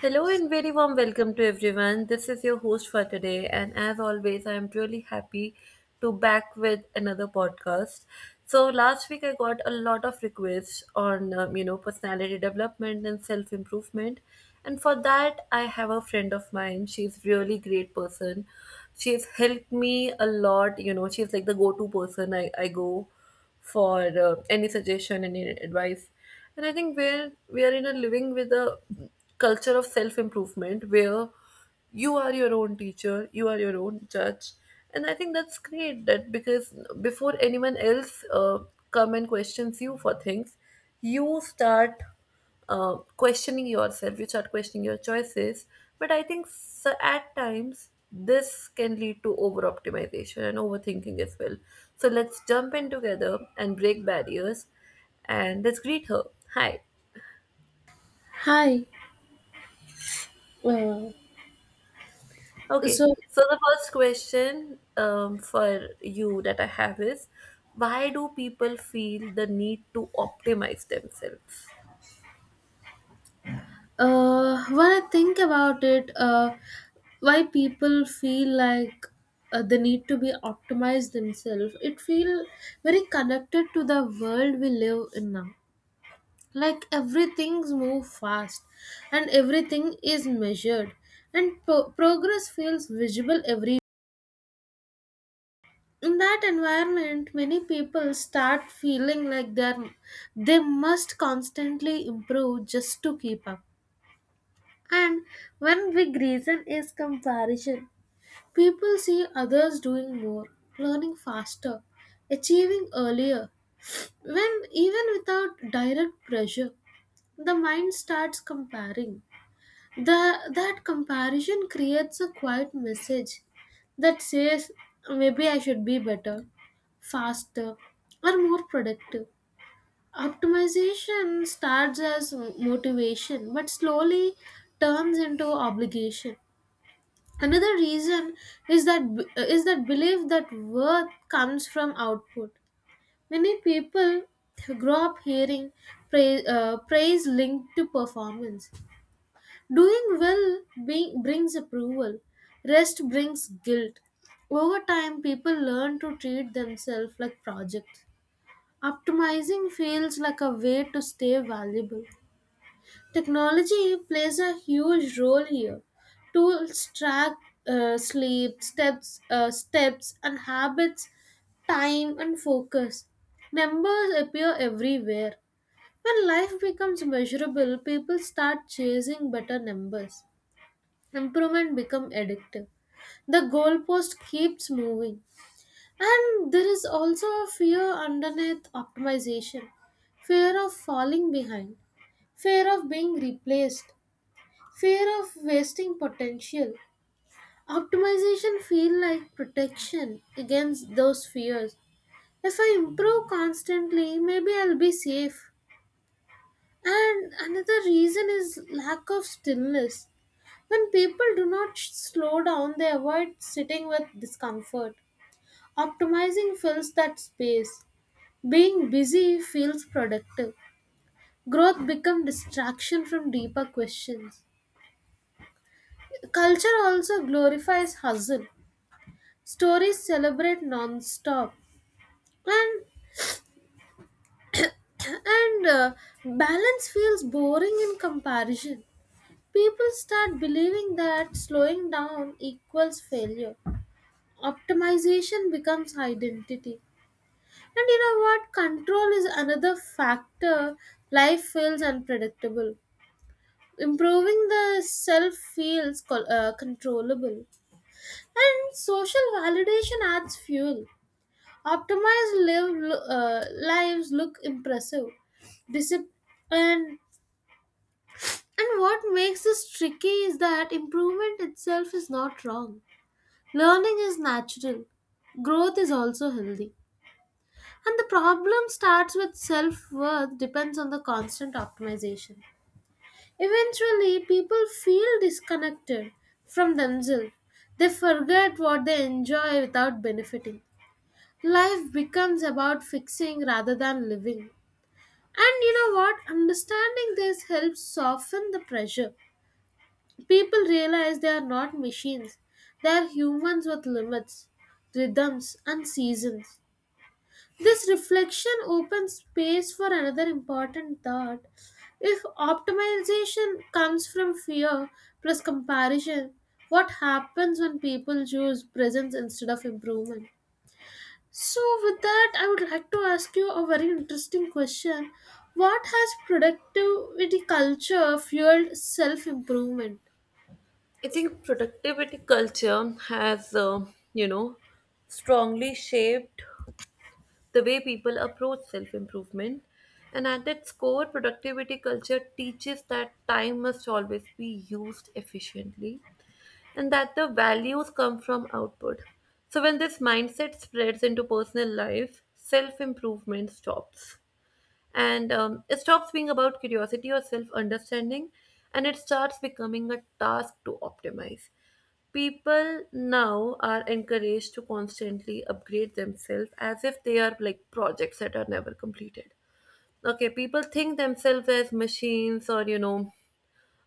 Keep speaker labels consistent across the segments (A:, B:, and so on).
A: Hello and very warm welcome to everyone. This is your host for today, and as always, I am really happy to back with another podcast. So last week I got a lot of requests on personality development and self improvement, and for that I have a friend of mine. She's really great person. She's helped me a lot. You know, she's like the go to person I go for any suggestion, any advice. And I think we are in a living with a culture of self improvement where you are your own teacher, you are your own judge, and I think that's great. That because before anyone else come and questions you for things, you start questioning yourself, you start questioning your choices. But I think so at times this can lead to over optimization and overthinking as well. So let's jump in together and break barriers, and let's greet her. Hi.
B: Hi. Uh,
A: Okay,
B: so,
A: so the first question for you that I have is, why do people feel the need to optimize themselves?
B: when I think about it, why people feel like they need to be optimized themselves, it feel very connected to the world we live in now. Like everything's move fast, and everything is measured, and progress feels visible every. In that environment, many people start feeling like they must constantly improve just to keep up. And one big reason is comparison. People see others doing more, learning faster, achieving earlier. When even without direct pressure, the mind starts comparing. That comparison creates a quiet message that says, maybe I should be better, faster, or more productive. Optimization starts as motivation but slowly turns into obligation. Another reason is that is that belief that worth comes from output. Many people grow up hearing praise linked to performance. Doing well being, brings approval. Rest brings guilt. Over time, people learn to treat themselves like projects. Optimizing feels like a way to stay valuable. Technology plays a huge role here. Tools track uh, sleep, steps, and habits, time, and focus. Numbers appear everywhere. When life becomes measurable, people start chasing better numbers. Improvement becomes addictive. The goalpost keeps moving, and there is also a fear underneath optimization, fear of falling behind, fear of being replaced, fear of wasting potential. Optimization feel like protection against those fears. If I improve constantly, maybe I'll be safe. And another reason is lack of stillness. When people do not slow down, they avoid sitting with discomfort. Optimizing fills that space. Being busy feels productive. Growth becomes distraction from deeper questions. Culture also glorifies hustle. Stories celebrate non-stop, and and balance feels boring in comparison. People start believing that slowing down equals failure. Optimization becomes identity. And you know what, control is another factor. Life feels unpredictable, improving the self feels controllable. And social validation adds fuel. Optimized live, Lives look impressive. Discipline, and and what makes this tricky is that improvement itself is not wrong. Learning is natural. Growth is also healthy. And the problem starts with self worth depends on the constant optimization. Eventually, people feel disconnected from themselves. They forget what they enjoy without benefiting. Life becomes about fixing rather than living. And you know what? Understanding this helps soften the pressure. People realize they are not machines, they are humans with limits, rhythms, and seasons. This reflection opens space for another important thought. If optimization comes from fear plus comparison, what happens when people choose presence instead of improvement? So, with that, I would like to ask you a very interesting question. What has productivity culture fueled self improvement?
A: I think productivity culture has, you know, strongly shaped the way people approach self improvement. And at its core, productivity culture teaches that time must always be used efficiently and that the values come from output. So, when this mindset spreads into personal life, self improvement stops and it stops being about curiosity or self understanding, and it starts becoming a task to optimize. People now are encouraged to constantly upgrade themselves as if they are like projects that are never completed. Okay, people think themselves as machines or you know,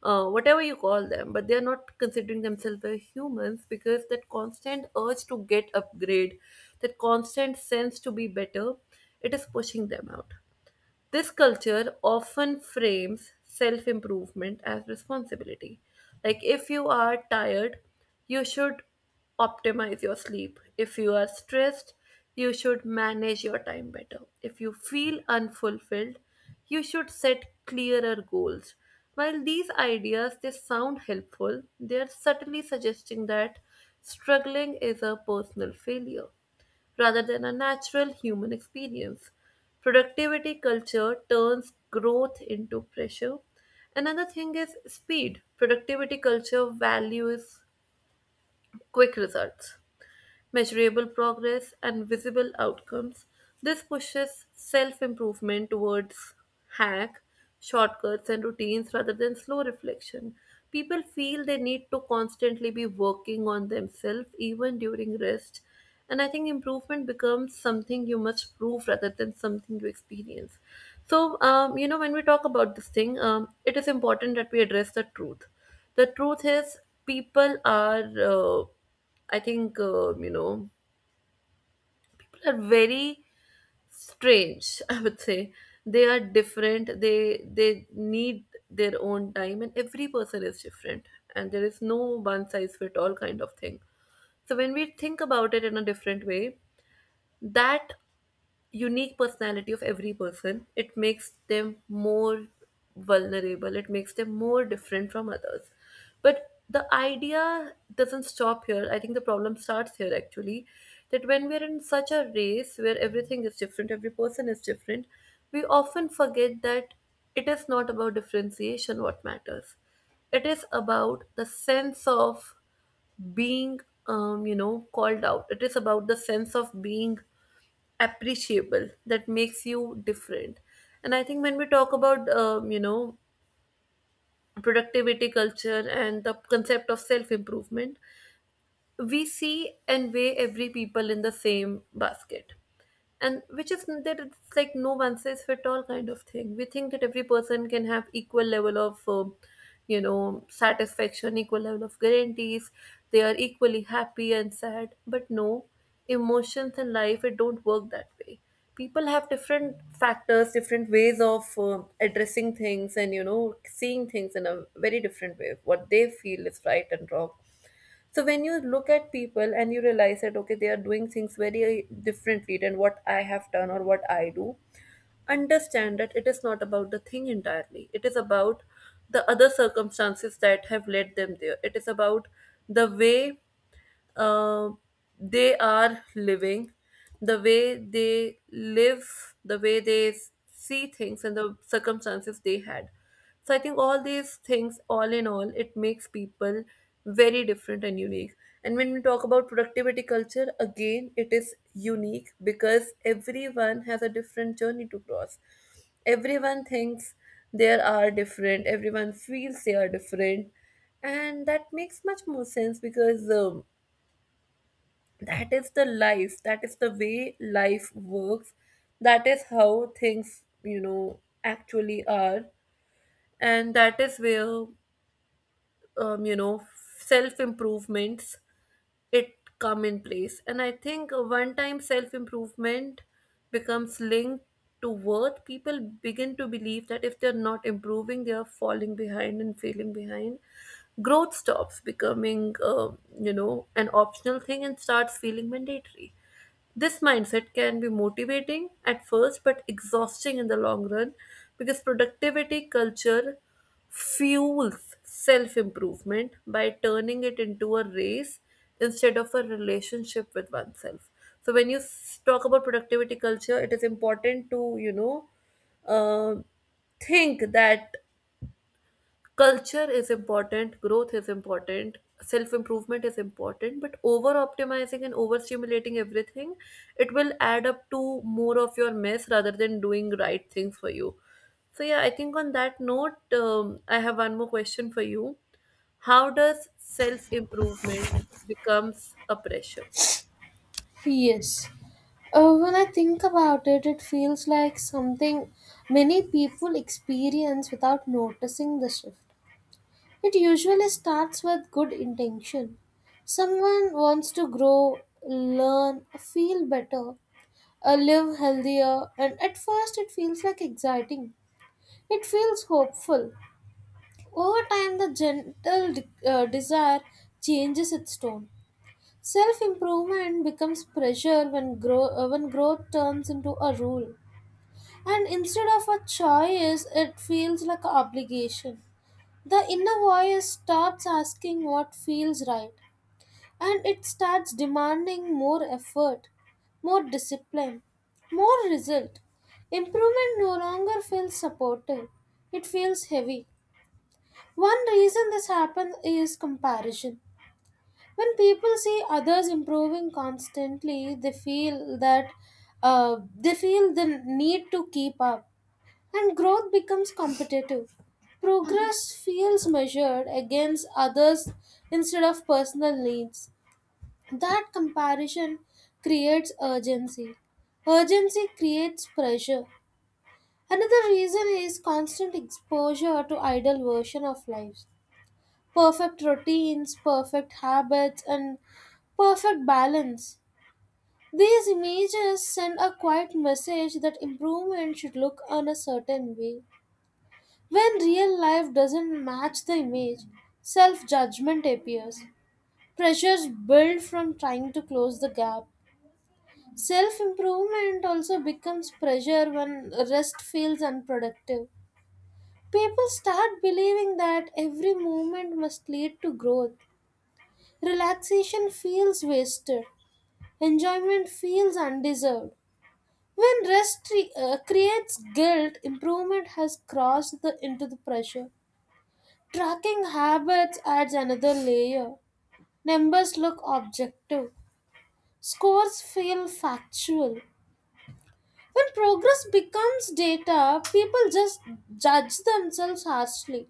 A: whatever you call them, but they are not considering themselves as humans, because that constant urge to get upgrade, that constant sense to be better, it is pushing them out. This culture often frames self improvement as responsibility. Like, if you are tired, you should optimize your sleep. If you are stressed, you should manage your time better. If you feel unfulfilled, you should set clearer goals. While these ideas they sound helpful, they are subtly suggesting that struggling is a personal failure rather than a natural human experience. Productivity culture turns growth into pressure. Another thing is speed. Productivity culture values quick results, measurable progress, and visible outcomes. This pushes self improvement towards hack, shortcuts, and routines rather than slow reflection. People feel they need to constantly be working on themselves even during rest. And I think improvement becomes something you must prove rather than something you experience. So, you know, when we talk about this thing, it is important that we address the truth. The truth is, people are. I think, you know, people are very strange, I would say. They are different. They need their own time, and every person is different. And there is no one size fit all kind of thing. So when we think about it in a different way, that unique personality of every person it makes them more vulnerable, it makes them more different from others. But the idea doesn't stop here. I think the problem starts here actually, that when we're in such a race where everything is different, every person is different, we often forget that it is not about differentiation what matters. It is about the sense of being you know called out. It is about the sense of being appreciable that makes you different. And I think when we talk about you know productivity culture and the concept of self improvement, we see and weigh every people in the same basket, and which is that it's like no one size fit all kind of thing. We think that every person can have equal level of you know satisfaction, equal level of guarantees, they are equally happy and sad, but no, emotions and life, it don't work that way. People have different factors, different ways of addressing things and you know seeing things in a very different way, what they feel is right and wrong. So when you look at people and you realize that okay, they are doing things very differently than what I have done or what I do, understand that it is not about the thing entirely. It is about the other circumstances that have led them there. It is about the way uh, they are living, the way they live, the way they see things and the circumstances they had. So I think all these things, all in all, it makes people very different and unique. And when we talk about productivity culture again, it is unique because everyone has a different journey to cross. Everyone thinks they are different, everyone feels they are different, and that makes much more sense because that is the life, that is the way life works, that is how things you know actually are. And that is where um, you know self improvements it come in place. And I think one time self improvement becomes linked to worth, people begin to believe that if they're not improving they are falling behind and failing behind. Growth stops becoming you know an optional thing and starts feeling mandatory. This mindset can be motivating at first but exhausting in the long run, because productivity culture fuels self improvement by turning it into a race instead of a relationship with oneself. So, when you talk about productivity culture, it is important to, you know, uh, think that culture is important, growth is important, self improvement is important, but over optimizing and overstimulating everything, it will add up to more of your mess rather than doing right things for you. So yeah, I think on that note, I have one more question for you. How does self improvement becomes a pressure?
B: Yes. When I think about it, it feels like something many people experience without noticing the shift. It usually starts with good intention. Someone wants to grow, learn, feel better, live healthier, and at first it feels like exciting. It feels hopeful. Over time, the gentle desire changes its tone. Self improvement becomes pressure when, when growth turns into a rule. And instead of a choice, it feels like an obligation. The inner voice stops asking what feels right, and it starts demanding more effort, more discipline, more result. Improvement no longer feels supportive, it feels heavy. One reason this happens is comparison. When people see others improving constantly, they feel the need to keep up, and growth becomes competitive. Progress feels measured against others instead of personal needs. That comparison creates urgency. Urgency creates pressure. Another reason is constant exposure to idle version of lives, perfect routines, perfect habits, and perfect balance. These images send a quiet message that improvement should look on a certain way. When real life doesn't match the image, self judgment appears. Pressures build from trying to close the gap. Self improvement also becomes pressure when rest feels unproductive. People start believing that every movement must lead to growth. Relaxation feels wasted. Enjoyment feels undeserved. When rest creates guilt, improvement has crossed the, into the pressure. Tracking habits adds another layer. Numbers look objective. Scores feel factual. When progress becomes data, people just judge themselves harshly.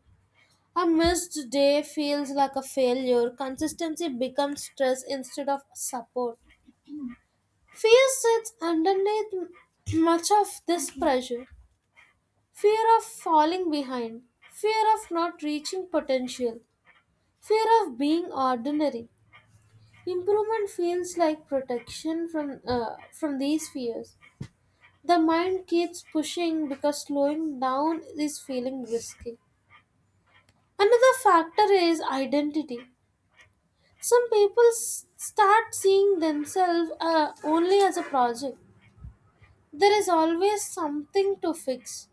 B: A missed day feels like a failure. Consistency becomes stress instead of support. Fear sits underneath much of this pressure, fear of falling behind, fear of not reaching potential, fear of being ordinary. Improvement feels like protection from these fears. The mind keeps pushing because slowing down is feeling risky. Another factor is identity. Some people start seeing themselves only as a project. There is always something to fix,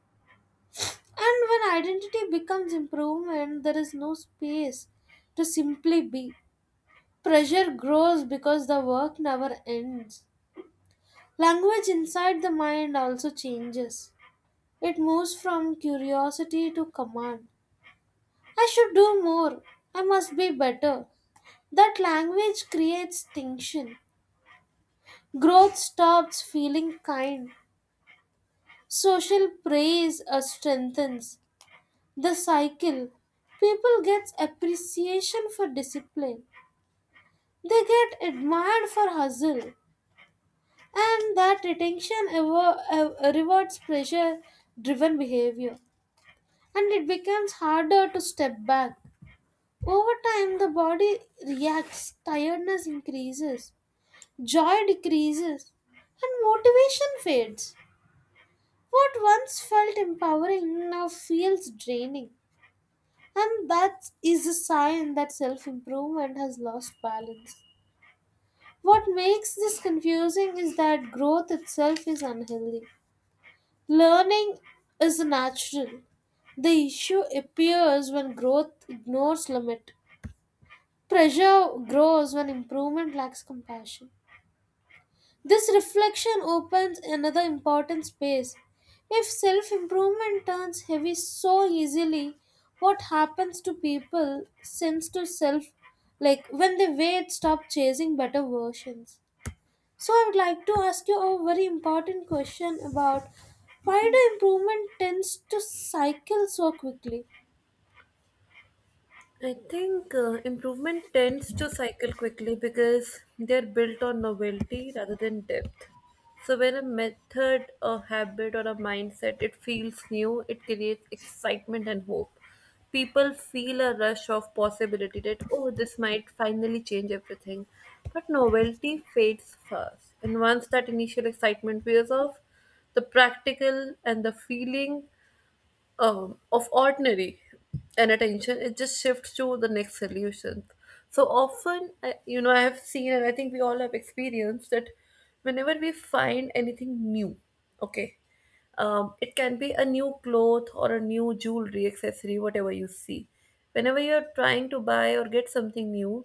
B: and when identity becomes improvement, there is no space to simply be. Pressure grows because the work never ends. Language inside the mind also changes. It moves from curiosity to command. I should do more. I must be better. That language creates tension. Growth stops feeling kind. Social praise strengthens the cycle. People get appreciation for discipline. They get admired for hustle, and that retention rewards pleasure-driven behavior, and it becomes harder to step back. Over time, the body reacts. Tiredness increases, joy decreases, and motivation fades. What once felt empowering now feels draining. And that is a sign that self improvement has lost balance. What makes this confusing is that growth itself is unhealthy. Learning is natural. The issue appears when growth ignores limit. Pressure grows when improvement lacks compassion. This reflection opens another important space. If self improvement turns heavy so easily, what happens to people since to self like when they wait stop chasing better versions? So I would like to ask you a very important question about why do improvement tends to cycle so quickly?
A: I think improvement tends to cycle quickly because they're built on novelty rather than depth. So when a method, a habit, or a mindset it feels new, it creates excitement and hope. People feel a rush of possibility that oh, this might finally change everything. But novelty fades fast, and once that initial excitement wears off, the practical and the feeling of ordinary and attention it just shifts to the next solution. So often I, I have seen and I think we all have experienced that whenever we find anything new, okay, it can be a new cloth or a new jewelry accessory, whatever you see, whenever you're trying to buy or get something new,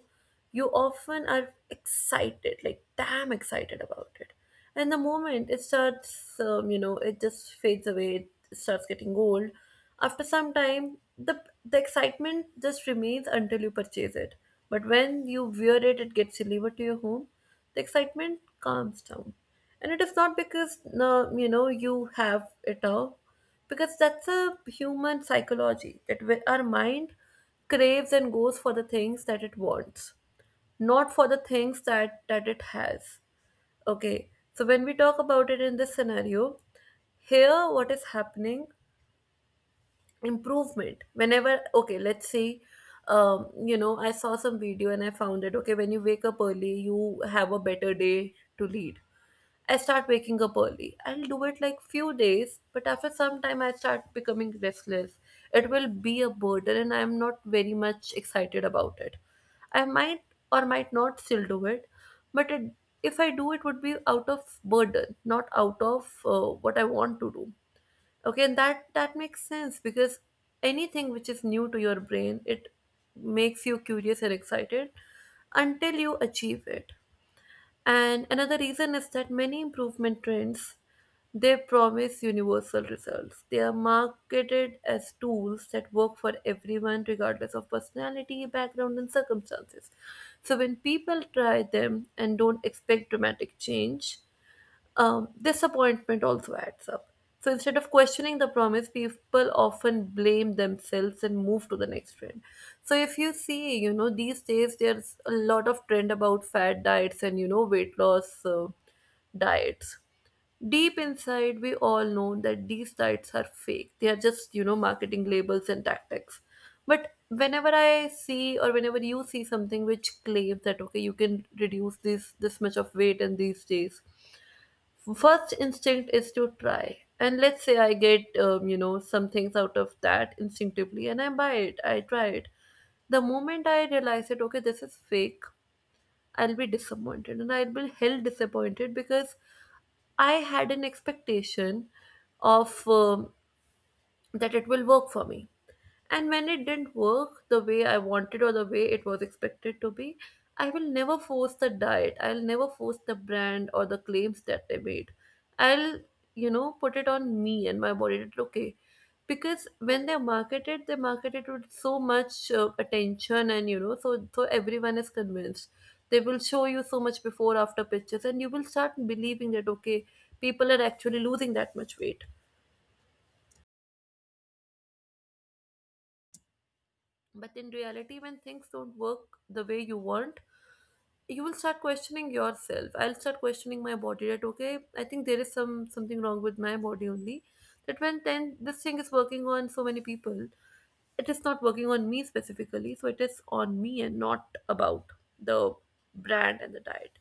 A: you often are excited, like damn excited about it. And the moment it starts, it just fades away, it starts getting old. After some time, the excitement just remains until you purchase it. But when you wear it, it gets delivered to your home, the excitement calms down, and it is not because you know you have it all, because that's a human psychology, that we- our mind craves and goes for the things that it wants, not for the things that it has. Okay, so when we talk about it in this scenario, here what is happening, improvement, whenever okay let's say, you know I saw some video and I found it okay, when you wake up early you have a better day to lead, I start waking up early. I'll do it like few days, but after some time I start becoming restless. It will be a burden and I'm not very much excited about it. I might or might not still do it, but it, if I do it would be out of burden, not out of what I want to do. Okay, and that makes sense because anything which is new to your brain, it makes you curious and excited until you achieve it. And another reason is that many improvement trends they promise universal results. They are marketed as tools that work for everyone regardless of personality, background and circumstances. So when people try them and don't expect dramatic change, disappointment also adds up. So instead of questioning the promise, people often blame themselves and move to the next trend. So if you see, you know, these days there's a lot of trend about fat diets and, you know, weight loss diets. Deep inside, we all know that these diets are fake. They are just, you know, marketing labels and tactics. But whenever I see or whenever you see something which claims that, okay, you can reduce this much of weight in these days, first instinct is to try. And let's say I get some things out of that instinctively, and I buy it, I try it. The moment I realize it, okay, this is fake, I'll be disappointed, and I'll be hell disappointed because I had an expectation of that it will work for me. And when it didn't work the way I wanted or the way it was expected to be, I will never force the diet. I'll never force the brand or the claims that they made. I'll put it on me and my body that, okay. Because when they market it with so much attention and, you know, so everyone is convinced. They will show you so much before after pictures, and you will start believing that, okay, people are actually losing that much weight. But in reality, when things don't work the way you want, you will start questioning yourself. I'll start questioning my body that, okay, I think there is something wrong with my body only, that when then this thing is working on so many people, it is not working on me specifically. So it is on me and not about the brand and the diet.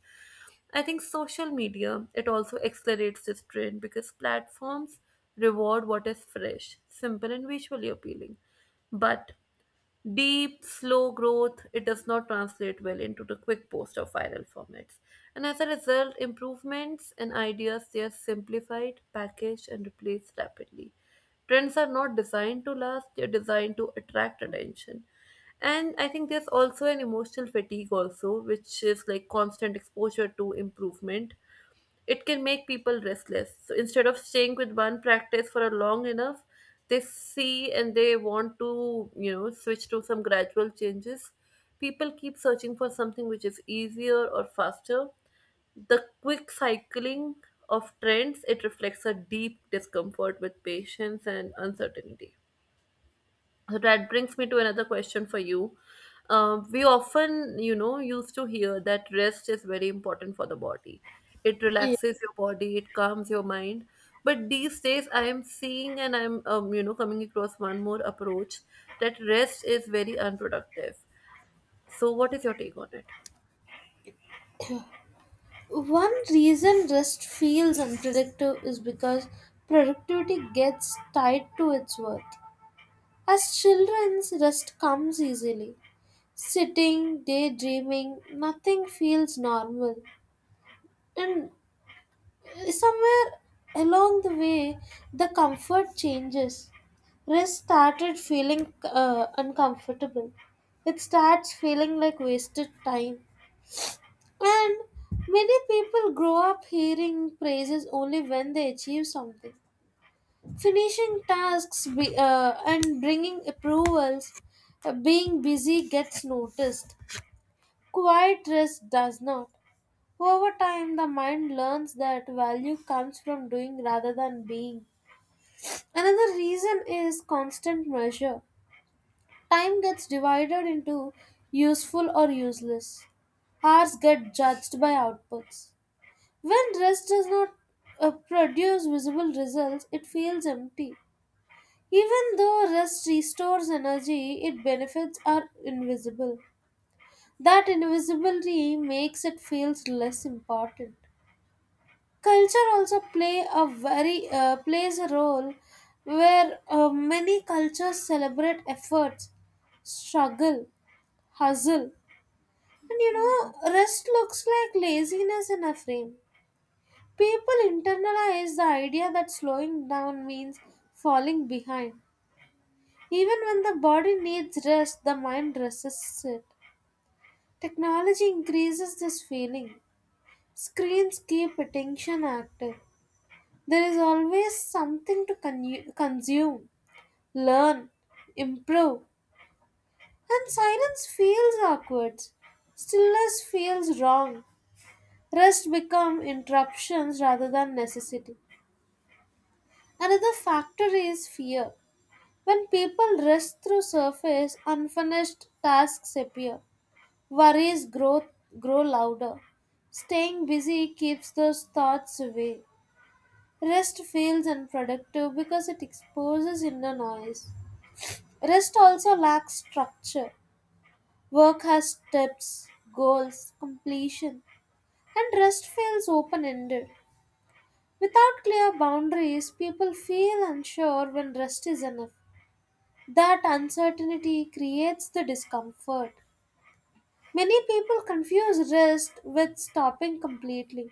A: I think social media, it also accelerates this trend because platforms reward what is fresh, simple, and visually appealing. But deep, slow growth, it does not translate well into the quick post or viral formats. And as a result, improvements and ideas, they are simplified, packaged, and replaced rapidly. Trends are not designed to last, they're designed to attract attention. And I think there's also an emotional fatigue also, which is like constant exposure to improvement. It can make people restless. So instead of staying with one practice for a long enough, they see and they want to, you know, switch to some gradual changes. People keep searching for something which is easier or faster. The quick cycling of trends, it reflects a deep discomfort with patience and uncertainty. So that brings me to another question for you. We often, you know, used to hear that rest is very important for the body. It
B: Yeah.
A: relaxes your body, it calms your mind. But these days, I am seeing, and I'm coming across one more approach that rest is very unproductive. So, what is your take on it?
B: One reason rest feels unproductive is because productivity gets tied to its worth. As children's rest comes easily. Sitting, daydreaming, nothing feels normal. And somewhere along the way, the comfort changes. Rest started feeling uncomfortable. It starts feeling like wasted time. And many people grow up hearing praises only when they achieve something. And bringing approvals, being busy gets noticed, quiet rest does not. Over time the mind learns that value comes from doing rather than being. Another reason is constant measure. Time gets divided into useful or useless. Hours get judged by outputs. When rest does not produce visible results it feels empty. Even though rest restores energy, its benefits are invisible. That invisibility makes it feels less important. Culture also plays a role where many cultures celebrate efforts, struggle, hustle, and you know rest looks like laziness in a frame. People internalize the idea that slowing down means falling behind. Even when the body needs rest, the mind resists it. Technology increases this feeling. Screens keep attention active. There is always something to consume, learn, improve, and silence feels awkward. Stillness feels wrong. Rest become interruptions rather than necessity. Another factor is fear. When people rest through surface, unfinished tasks appear. Worries grow louder. Staying busy keeps those thoughts away. Rest feels unproductive because it exposes inner noise. Rest also lacks structure. Work has steps, goals, completion, and rest feels open ended. Without clear boundaries, people feel unsure when rest is enough. That uncertainty creates the discomfort. Many people confuse rest with stopping completely.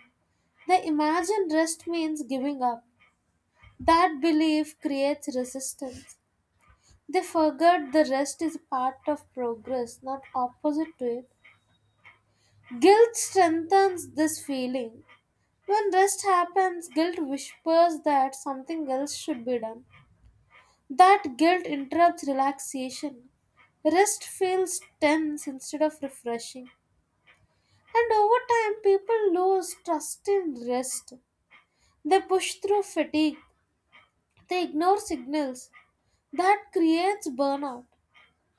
B: The imagined rest means giving up. That belief creates resistance. They forget the rest is part of progress, not opposite to it. Guilt strengthens this feeling. When rest happens, guilt whispers that something else should be done. That guilt interrupts relaxation. Rest feels tense instead of refreshing. And over time, people lose trust in rest. They push through fatigue. They ignore signals. That creates burnout.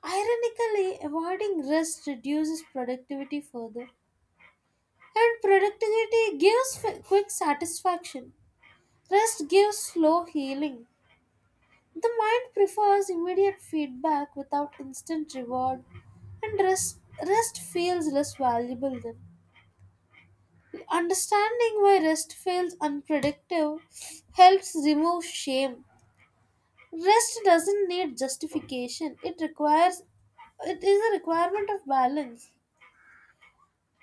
B: Ironically, avoiding rest reduces productivity further, and productivity gives quick satisfaction. Rest gives slow healing. The mind prefers immediate feedback without instant reward, and rest feels less valuable then. Understanding why rest feels unproductive helps remove shame. Rest doesn't need justification. It requires it is a requirement of balance.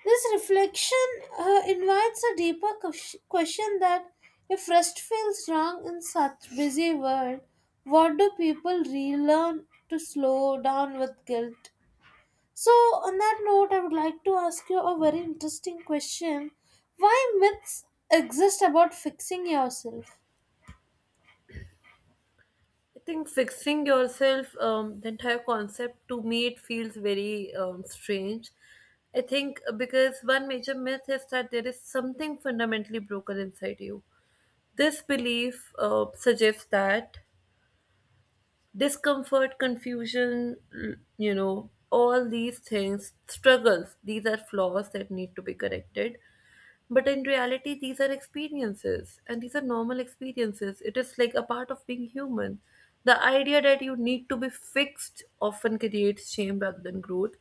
B: This reflection invites a deeper question that if rest feels wrong in such busy world, what do people relearn to slow down with guilt? So on that note, I would like to ask you a very interesting question. Why myths exist about fixing yourself?
A: I think fixing yourself, the entire concept to me, it feels very strange. I think because one major myth is that there is something fundamentally broken inside you. This belief suggests that discomfort, confusion, all these things, struggles, these are flaws that need to be corrected. But in reality, these are experiences, and these are normal experiences. It is like a part of being human. The idea that you need to be fixed often creates shame rather than growth.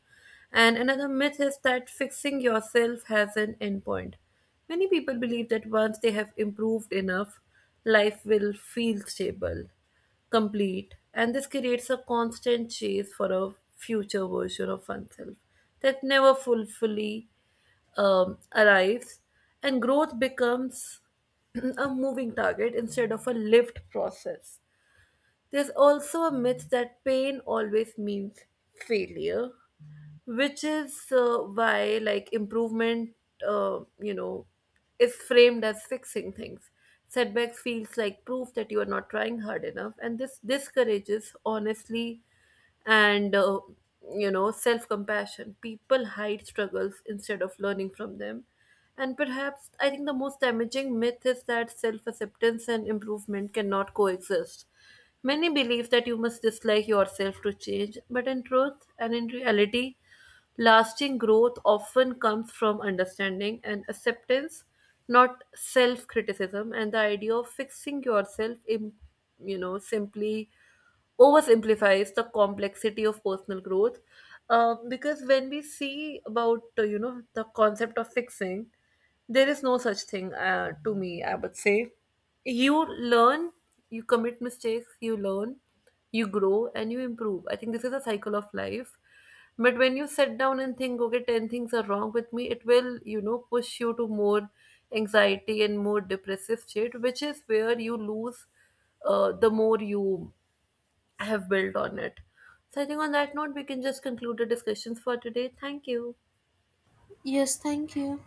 A: And another myth is that fixing yourself has an endpoint. Many people believe that once they have improved enough, life will feel stable, complete, and this creates a constant chase for a future version of oneself that never fully arrives, and growth becomes a moving target instead of a lived process. There's also a myth that pain always means failure, which is why, like, improvement uh, you know is framed as fixing things. Setbacks feels like proof that you are not trying hard enough, and this discourages honestly and self compassion. People hide struggles instead of learning from them. And perhaps I think the most damaging myth is that self acceptance and improvement cannot coexist. Many believe that you must dislike yourself to change, but in truth and in reality, lasting growth often comes from understanding and acceptance, not self criticism. And the idea of fixing yourself, simply oversimplifies the complexity of personal growth, because when we see about the concept of fixing, there is no such thing, to me I would say. You learn, you commit mistakes, you learn, you grow, and you improve. I think this is a cycle of life. But when you sit down and think, okay, 10 things are wrong with me, it will, you know, push you to more anxiety and more depressive state, which is where you lose the more you have built on it. So I think on that note, we can just conclude the discussions for today. Thank you.
B: Yes, thank you.